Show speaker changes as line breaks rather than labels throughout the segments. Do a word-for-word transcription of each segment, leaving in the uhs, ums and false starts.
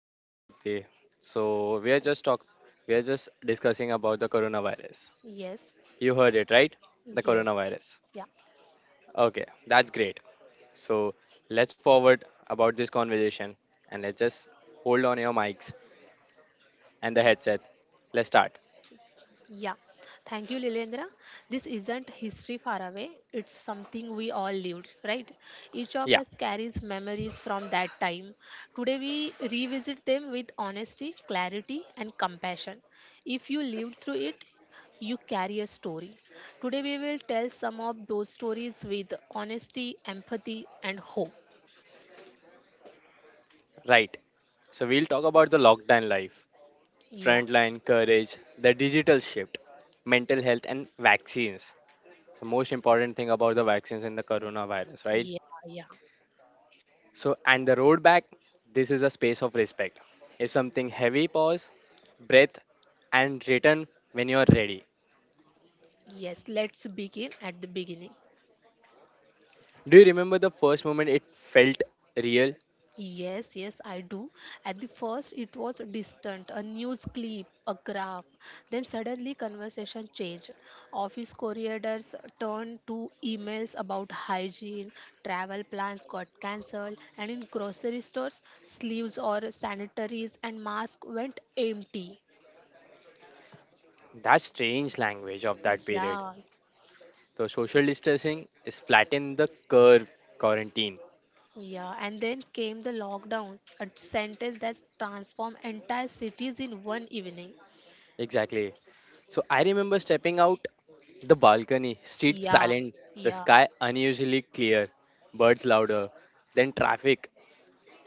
So, hi, Bhakti. So, we are just talk we are just discussing about the coronavirus.
yes,
You heard it, right? The
yes.
coronavirus.
Yeah,
Okay, that's great. So, let's forward about this conversation and let's just hold on your mics and the
y-
headset. Let's start.
yeah. Thank you, Lilendra. This isn't history far away, it's something we all lived, right? Each of
Yeah,
us carries memories from that time. Today, we revisit them with honesty, clarity, and compassion. If you lived through it, you carry a story. Today, we will tell some of those stories with honesty, empathy, and hope.
right. So, we'll talk about the lockdown life
Yeah,
frontline courage, the digital shift, mental health, and vaccines. The most important thing about the vaccines and the coronavirus, right?
yeah, yeah.
So, and the road back, this is a space of respect. If something heavy, pause, breath, and return when you are ready.
Yes, let's begin at the beginning.
Do you remember the first moment it felt real?
Yes, yes, I do. At the first, it was distant, a news clip, a graph. Then suddenly, conversation changed. Office corridors turned to emails about hygiene, travel plans got cancelled, and in grocery stores, sleeves or sanitaries and masks went empty.
That strange language of that period.
Yeah,
So, social distancing is flatten the curve quarantine.
yeah. And then came the lockdown, a sentence that transformed entire cities in one evening.
Exactly. So I remember stepping out the balcony, streets
Yeah,
silent, the
yeah.
sky unusually clear, birds louder than traffic.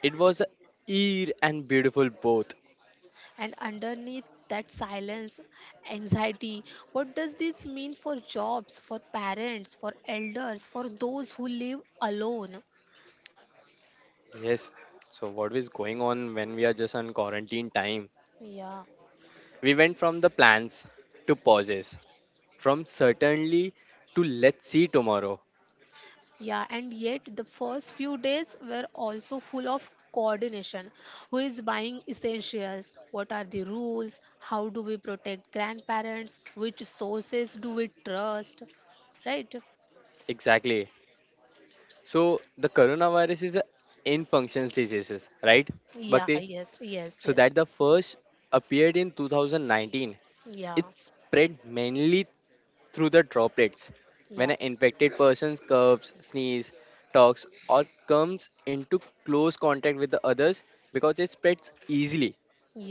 It was a eerie and beautiful both.
And underneath that silence, anxiety, what does this mean for jobs, for parents, for elders, for those who live alone?
Yes. So what is going on when we are just on quarantine time?
Yeah,
We went from the plans to pauses, from certainly to let's see tomorrow.
yeah. And yet, the first few days were also full of coordination. Who is buying essentials? What are the rules? How do we protect grandparents? Which sources do we trust? Right?
Exactly. So the coronavirus is a in functions diseases, right,
Yeah,
Bhakti?
yes, yes,
So that
yes.
the first appeared in two thousand nineteen.
Yeah,
It spread mainly through the droplets. When
yeah.
an infected person coughs, sneezes, talks, or comes into close contact with the others, because it spreads easily,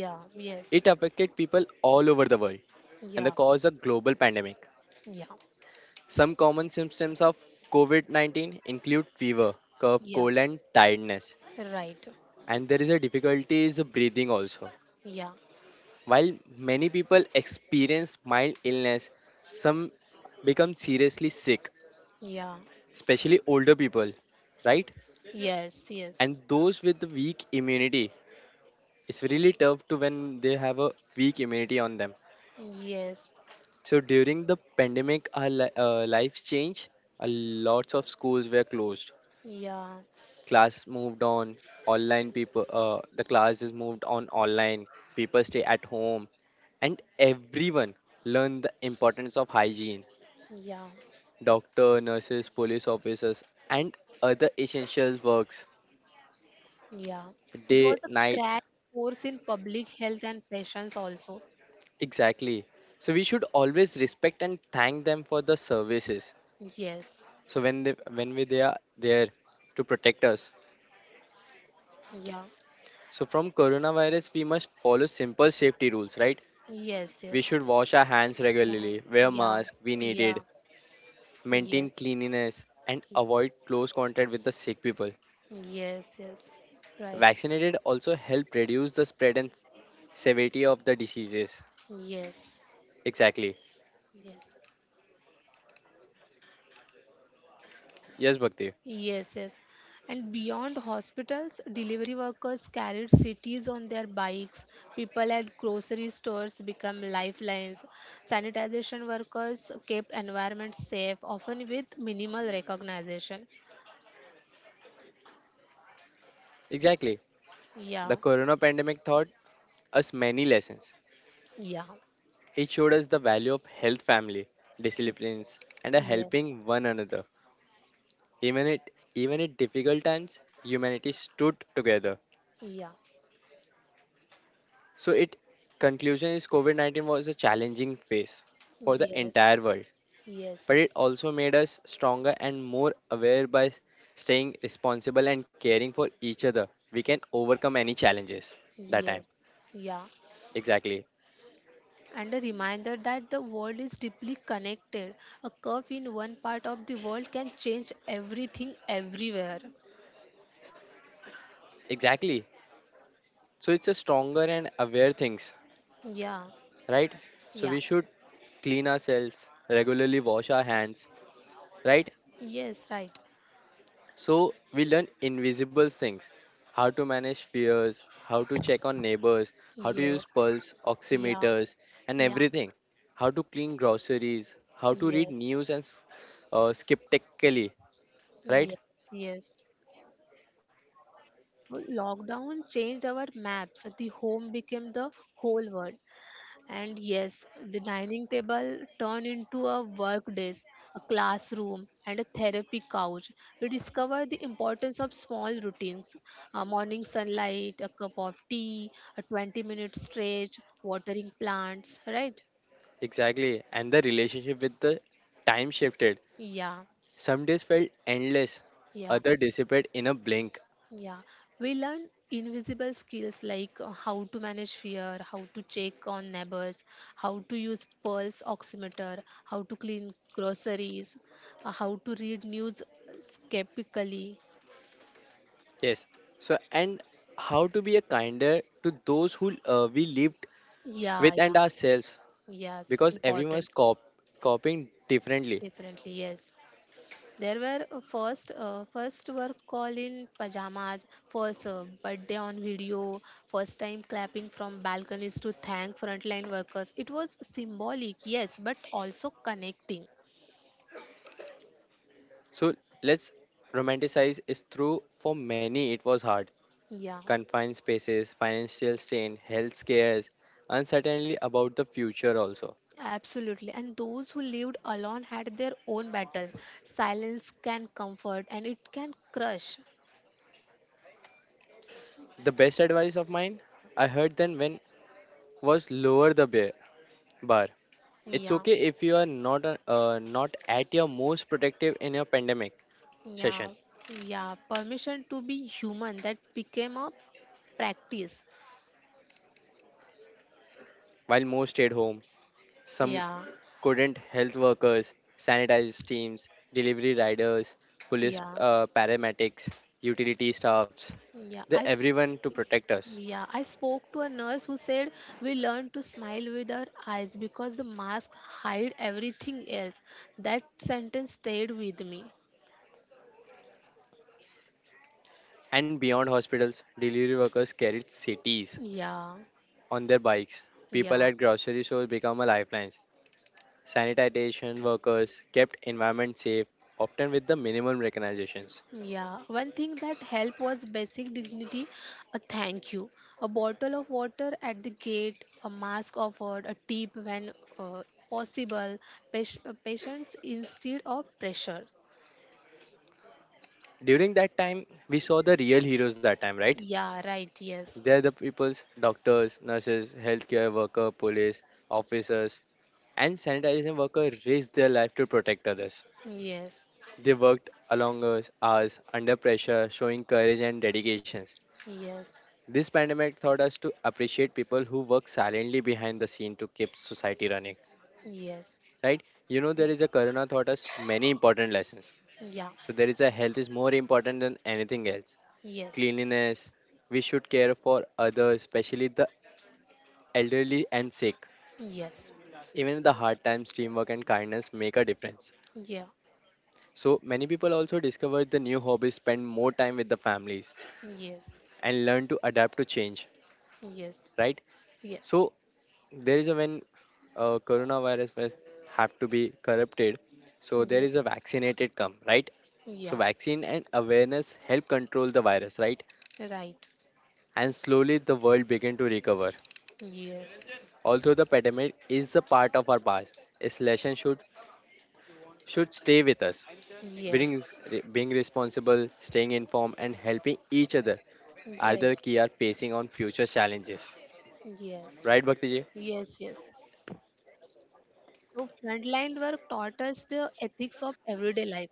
Yeah, yes,
it affected people all over the world and the
yeah,
cause a global pandemic.
yeah,
Some common symptoms of COVID nineteen include fever, cough,
yeah,
cold, and tiredness.
right,
And there is a difficulty is breathing also.
yeah,
While many people experience mild illness, some become seriously sick
yeah,
especially older people, right?
yes, yes,
And those with the weak immunity. It's really tough to when they have a weak immunity on them.
yes,
So during the pandemic, our li- uh, lives changed. A lots of schools were closed.
yeah,
Class moved on. Online people, uh, the classes moved on online. People stay at home, and everyone learned the importance of hygiene.
yeah,
Doctor, nurses, police officers, and other essential works
yeah. It
day,
was a
night.
crash course in public health and patients also.
Exactly. So we should always respect and thank them for the services.
Yes,
So when they when we they are there to protect us.
yeah,
So from coronavirus we must follow simple safety rules, right?
yes,
We
yes,
should wash our hands
yeah,
regularly, wear
yeah,
mask we
yeah,
needed, maintain
yes,
cleanliness and avoid close contact with the sick people.
yes, yes, right,
Vaccinated also help reduce the spread and s- severity of the diseases.
yes,
Exactly.
yes.
Yes, Bhakti.
Yes, yes. And beyond hospitals, delivery workers carried cities on their bikes. People at grocery stores become lifelines. Sanitization workers kept environment safe, often with minimal recognition.
Exactly. The
Yeah,
corona pandemic taught us many lessons.
yeah,
It showed us the value of health, family, disciplines, and a
yeah,
helping one another. Even it, Even at difficult times, humanity stood together.
yeah,
So, it conclusion is COVID nineteen was a challenging phase for the
yes,
entire world,
yes,
but
yes,
it also made us stronger and more aware by s- staying responsible and caring for each other. We can overcome any challenges that time.
yes, yeah.
Exactly,
And a reminder that the world is deeply connected. A curve in one part of the world can change everything everywhere.
exactly. So, it's a stronger and aware things
Yeah,
right? So
yeah,
we should clean ourselves, regularly wash our hands, right?
yes, right.
So we learn invisible things, how to manage fears, how to check on neighbors, how to
Yes,
use pulse
yeah,
oximeters and
yeah,
everything, how to clean groceries, how to read
yes,
news and s- uh, skeptically, right?
yes, yes. So lockdown changed our maps. The home became the whole world. And yes, the dining table turned into a work desk, a classroom, and a therapy couch. We discovered the importance of small routines. A morning sunlight, a cup of tea, a twenty minute stretch, watering plants, right?
Exactly. And the relationship with the time shifted.
Yeah,
Some days felt endless,
yeah.
other dissipate in a blink.
Yeah, we learn invisible skills like uh, how to manage fear, how to check on neighbors, how to use pulse oximeter, how to clean groceries, uh, how to read news skeptically.
Yes. So, and how to be a kinder to those who uh, we lived
Yeah,
with
yeah,
and ourselves
yes,
because
important,
everyone's cop coping differently.
definitely, yes. There were uh, first uh, first were call in pajamas, first uh, birthday on video, first time clapping from balconies to thank frontline workers. It was symbolic, yes, but also connecting.
So, let's romanticize is through for many it was hard.
Yeah,
Confined spaces, financial strain, health scares, uncertainty about the future also.
absolutely. And those who lived alone had their own battles. Silence can comfort and it can crush.
The best advice of mine I heard then when was lower the bear bar. It's
Yeah,
okay if you are not uh, not at your most protective in your pandemic
yeah,
session.
yeah. Permission to be human that became a practice.
While most stayed home, some
Yeah,
couldn't. Health workers, sanitised teams, delivery riders, police
yeah,
uh, paramedics, utility staffs,
yeah.
the
I
everyone to protect us.
Yeah, I spoke to a nurse who said we learn to smile with our eyes because the mask hide everything else. That sentence stayed with me.
And beyond hospitals, delivery workers carried cities
Yeah,
on their bikes. People
yeah,
at grocery stores become a lifeline. Sanitation workers kept environment safe, often with the minimum recognitions.
yeah. One thing that helped was basic dignity, a thank you, a bottle of water at the gate, a mask offered, a tip when uh, possible, pas- uh, patience instead of pressure.
During that time, we saw the real heroes that time, right?
Yeah, right, yes,
They are the people's doctors, nurses, healthcare worker, police, officers, and sanitation worker risk their life to protect others.
yes,
They worked along us hours under pressure, showing courage and dedications.
yes,
This pandemic taught us to appreciate people who work silently behind the scene to keep society running.
yes.
Right? You know
Yeah.
there is a corona taught us many important lessons.
Yeah.
So there is a health is more important than anything else.
Yes.
Cleanliness, we should care for others, especially the elderly and sick.
Yes.
Even in the hard times, teamwork and kindness make a difference.
Yeah.
So many people also discover the new hobbies, spend more time with the families,
Yes.
and learn to adapt to change.
Yes.
Right?
Yes.
So there is a when uh, coronavirus was- have to be corrupted. So there
Yes.
is a vaccinated come right. So
Yeah.
vaccine and awareness help control the virus right,
Right.
and slowly the world begin to recover.
Yes.
Although the pandemic is a part of our past, its lesson should should stay with us.
Yes. Yes.
being, is- re- being responsible, staying informed, and helping each other are the key are facing on future challenges.
Yes.
Right, Bhakti ji?
Yes. Yes. So frontline work taught us the ethics of everyday life.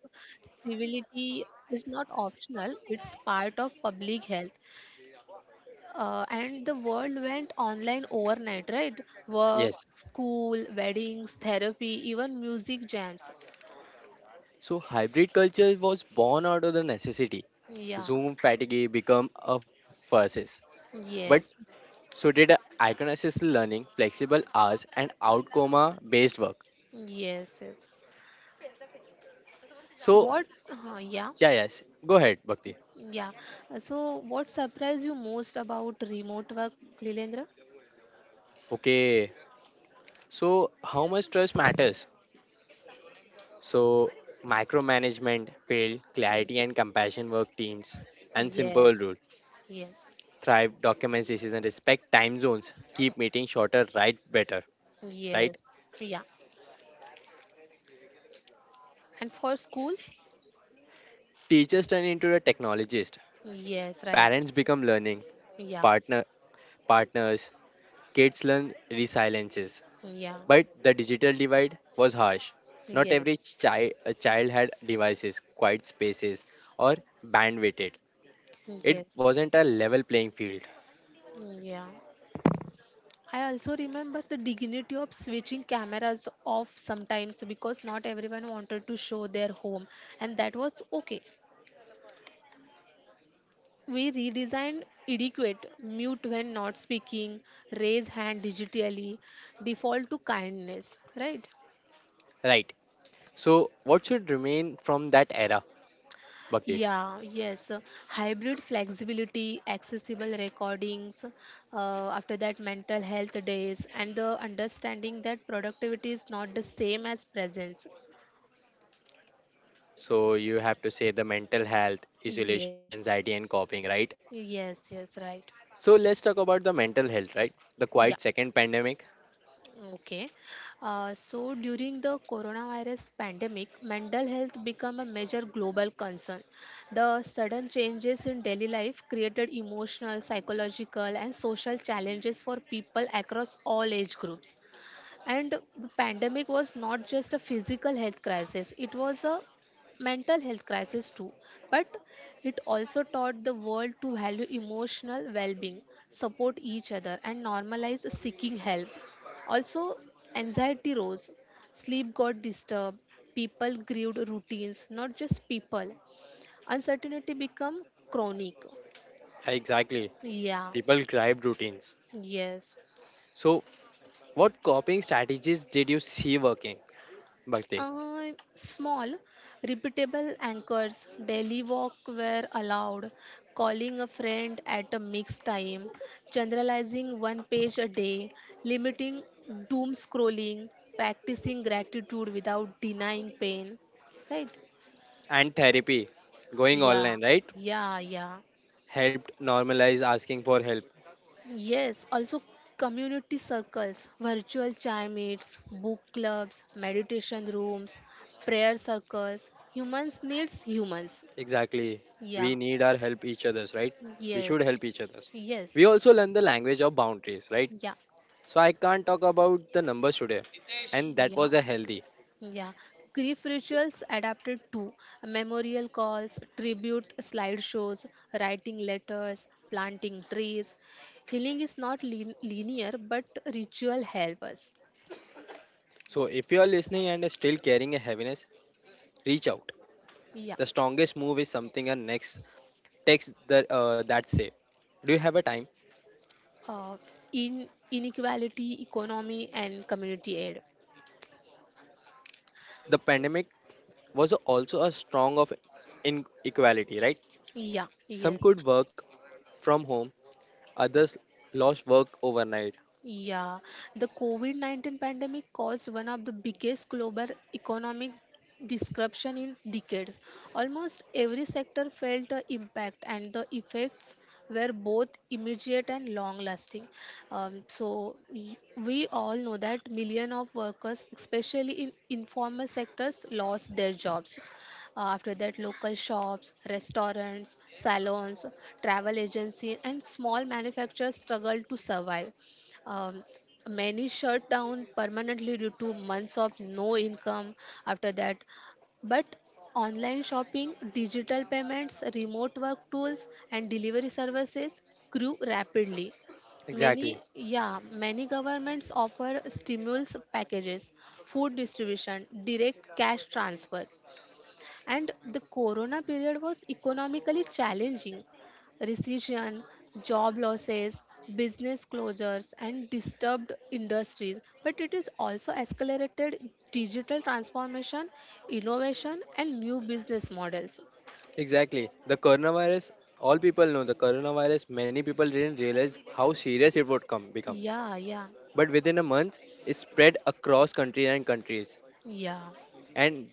Civility is not optional, it's part of public health. Uh, and the world went online overnight, right? Work,
Yes.
school, weddings, therapy, even music jams.
So hybrid culture was born out of the necessity.
Yeah.
Zoom fatigue become a versus. But
Yes,
so did iconicist learning, flexible hours, and outcome based work.
yes, yes.
So
What? Uh, yeah,
yeah, yes. Go ahead, Bhakti.
yeah. Uh, So, what surprised you most about remote work, Lilendra?
Okay. So how much trust matters? So, micromanagement, build
Mm,
clarity and compassion work teams, and simple
yes,
rule.
yes,
Thrive documents issues and respect time zones. Keep meeting shorter, write better.
yes.
Right?
Yeah. And for schools?
Teachers turn into the technologist.
Yes, right.
Parents become learning.
Yeah,
Partner partners. Kids learn resiliences.
yeah,
But the digital divide was harsh. Not every
yes,
child a child had devices, quiet spaces, or bandwidth. It
yes,
wasn't a level playing field.
yeah. I also remember the dignity of switching cameras off sometimes because not everyone wanted to show their home, and that was okay. We redesign adequate, mute when not speaking, raise hand digitally, default to kindness, right?
Right. So, what should remain from that era, Bhakti?
Yeah, yes. uh, Hybrid flexibility, accessible recordings, uh, after that, mental health days, and the understanding that productivity is not the same as presence.
So, you have to say the mental health, isolations,
Yes,
anxiety, and coping, right?
yes, yes, right.
So, let's talk about the mental health, right? The
Yeah.
quiet second pandemic.
Okay. Uh, so during the coronavirus pandemic, mental health became a major global concern. The sudden changes in daily life created emotional, psychological, and social challenges for people across all age groups. And the pandemic was not just a physical health crisis, it was a mental health crisis too. But it also taught the world to value emotional well being, support each other, and normalize seeking help. Also, anxiety rose, sleep got disturbed, people grieved routines, not just people. Uncertainty became chronic.
Exactly.
Yeah,
People gripe routines.
yes.
So, what coping strategies did you see working, Bhakti?
Uh, small, repeatable anchors, daily walk were allowed, calling a friend at a mixed time, generalizing one page a day, limiting doom scrolling, practicing gratitude without denying pain. Right?
And therapy, going
Yeah,
online, right?
yeah, yeah.
Helped normalize asking for help.
Yes, also community circles, virtual chai meets, book clubs, meditation rooms, prayer circles. Humans needs humans.
Exactly.
Yeah.
We need our help each other's, right? We should
Yes.
help each other's.
Yes.
We also learn the language of boundaries, right?
Yeah.
So I can't talk about the numbers today. And that
Yeah,
was a healthy.
yeah. Grief rituals adapted to memorial calls, tribute slideshows, writing letters, planting trees. Healing is not lin- linear, but ritual help us.
So if you are listening and still carrying a heaviness, reach out.
Yeah.
The strongest move is something and next text that uh, that say. Do you have a time?
Uh, in inequality, economy, and community aid.
The pandemic was also a strong of inequality, right?
Yeah.
Some
Yes.
could work from home, others lost work overnight.
Yeah, the COVID nineteen pandemic caused one of the biggest global economic disruption in decades. Almost every sector felt the impact, and the effects were both immediate and long lasting. Um, so, y- we all know that millions of workers, especially in informal sectors, lost their jobs. Uh, After that, local shops, restaurants, salons, travel agency, and small manufacturers struggled to survive. Um, many shut down permanently due to months of no income after that. But online shopping, digital payments, remote work tools, and delivery services grew rapidly.
Exactly.
Many, yeah, many governments offer stimulus packages, food distribution, direct cash transfers and the corona period was economically challenging recession job losses business closures and disturbed industries but it is also accelerated digital transformation innovation and new business models.
Exactly. The coronavirus all people know the coronavirus many people didn't realize how serious it would come become,
Yeah, yeah,
but within a month it spread across countries and countries,
yeah,
and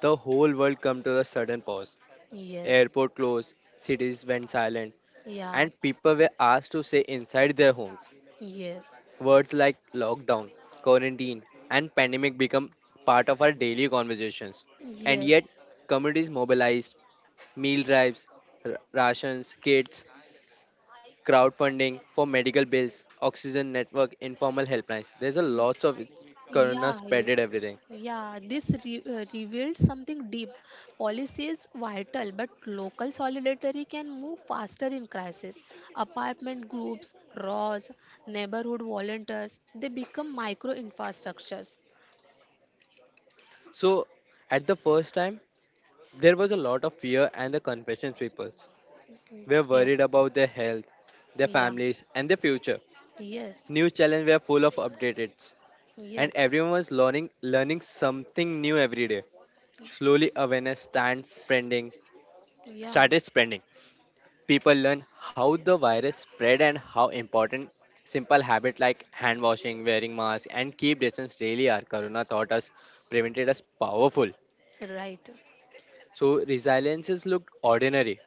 the whole world come to a sudden pause.
yes,
Airport closed, cities went silent,
yeah,
and people were asked to stay inside their homes.
yes,
Words like lockdown, quarantine, and pandemic become part of our daily conversations. And yet,
yes.
communities mobilized meal drives, r- rations kits, crowdfunding for medical bills, oxygen network informal helplines, there's a lots of it- corona
Yeah, y-
spreaded everything.
yeah, this re- uh, revealed something deep. Policy is vital, but local solidarity can move faster in crisis. Apartment groups, R O S, neighborhood volunteers, they become micro infrastructures.
So, at the first time, there was a lot of fear, and the confession papers were
Yeah,
worried about their health, their
yeah,
families, and their future.
yes,
New challenges were full of updates, and
yes,
everyone was learning learning something new every day. Slowly, awareness stands spreading,
yeah,
started spreading. People learn how the virus spread and how important simple habits like hand washing, wearing masks, and keep distance really are. Corona taught us, prevented us powerful.
right,
So resiliences looked ordinary.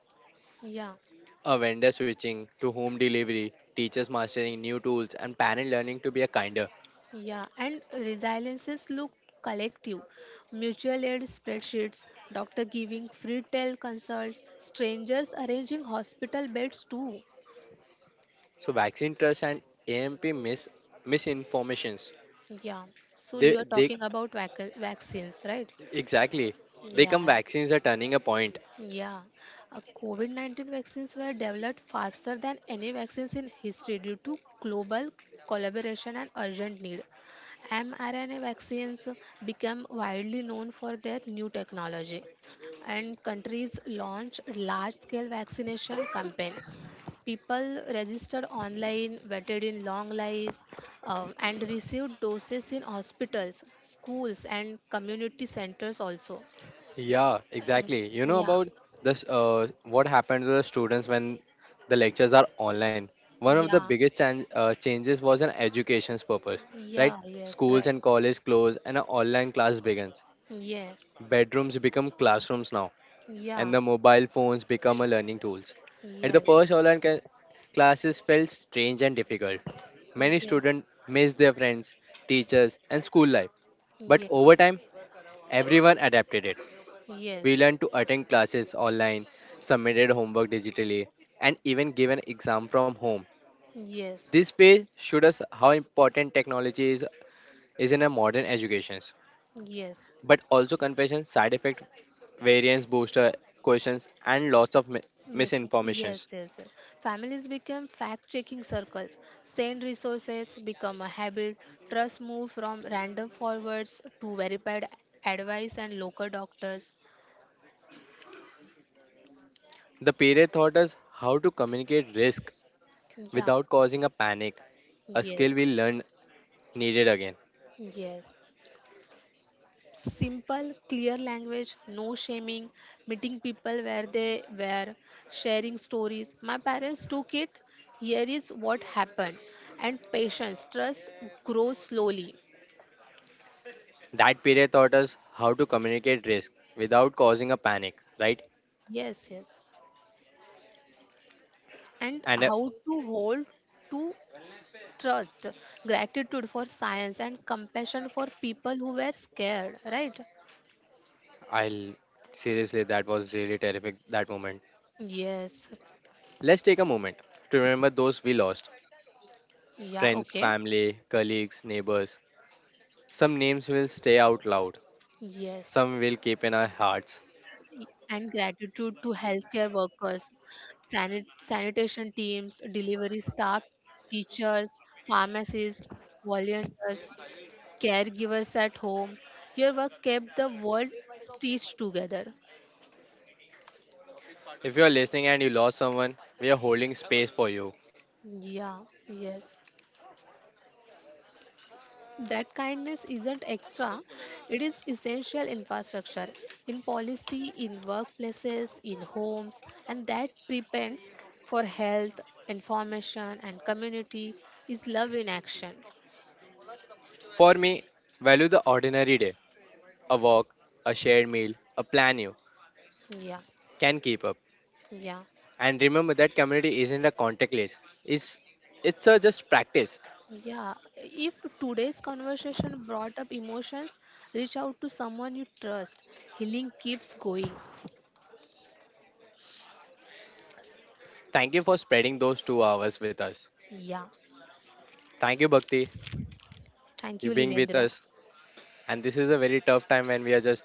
yeah.
A vendor switching to home delivery, teachers mastering new tools, and parent learning to be a kinder.
Yeah, and resiliences look collective. Mutual aid spreadsheets, doctor giving free tel consults, strangers arranging hospital beds too.
So vaccine trust and A M P mis misinformations.
Yeah, so
They
you are
they
talking about vac- vaccines, right?
exactly they
Yeah,
come vaccines are turning a point.
yeah, uh, COVID nineteen vaccines were developed faster than any vaccines in history due to global collaboration and urgent need. mRNA vaccines become widely known for their new technology, and countries launched large scale vaccination campaign. People registered online, waited in long lines, uh, and received doses in hospitals, schools, and community centers also.
Yeah,
Um,
exactly. You know
yeah,
about this uh, what happened to the students when the lectures are online. One of the
yeah.
biggest chan- uh, changes was an education's purpose, right?
Yeah, yes,
Schools
right.
and college close and an online class begins.
Yeah,
Bedrooms become classrooms now and
yeah,
the mobile phones become a learning tools. At the
yes,
first, online ca- classes felt strange and difficult. Many
yes, yes,
students missed their friends, teachers, and school life. But
yes,
over time, everyone adapted it. We
yes,
learned to attend classes online, submitted homework digitally, and even gave an exam from home. This phase showed us how important technology is, is in a modern education,
yes.
but also confession, side effect, variance booster, questions, and lots of mi-
Miss, yes,
misinformations.
yes, yes. Families become fact-checking circles. Send resources become a habit. Trust move from random forwards to verified advice and local doctors.
The period taught us how to communicate risk
Yeah,
without causing a panic, a skill
yes,
we learned needed again.
yes, simple, clear language, no shaming, meeting people where they were, sharing stories. My parents took it, here is what happened, and patience, trust grows slowly.
That period taught us how to communicate risk without causing a panic, right?
Yes, yes. And
And uh,
how to hold to trust, gratitude for science, and compassion for people who were scared, right?
I'll seriously, that was really terrific that moment.
Yes.
Let's take a moment to remember those we lost
Yeah,
friends,
okay.
family, colleagues, neighbors. Some names will stay out loud,
Yes.
some will keep in our hearts.
And gratitude to healthcare workers, sanit- sanitation teams, delivery staff, teachers, pharmacists, volunteers, caregivers at home. Your work kept the world stitched together.
If you are listening and you lost someone, we are holding space for you.
Yeah, yes. That kindness isn't extra, it is essential infrastructure in policy, in workplaces, in homes, and that depends for health, information, and community is love in action.
For me, value the ordinary day a walk, a shared meal, a plan you
Yeah,
can keep up.
yeah,
And remember that community isn't a contact list. It's it's a just practice.
yeah. If today's conversation brought up emotions, reach out to someone you trust. Healing keeps going.
Thank you for spreading those two hours with us.
Yeah.
Thank you, Bhakti,
Thank
you
you,
being with
Lilendra.
us. And this is a very tough time when we are just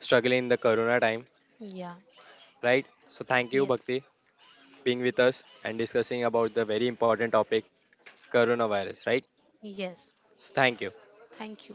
struggling in the corona time,
Yeah.
right? So thank you,
Yes.
Bhakti, being with us and discussing about the very important topic, coronavirus, right?
Yes.
So thank you.
Thank you.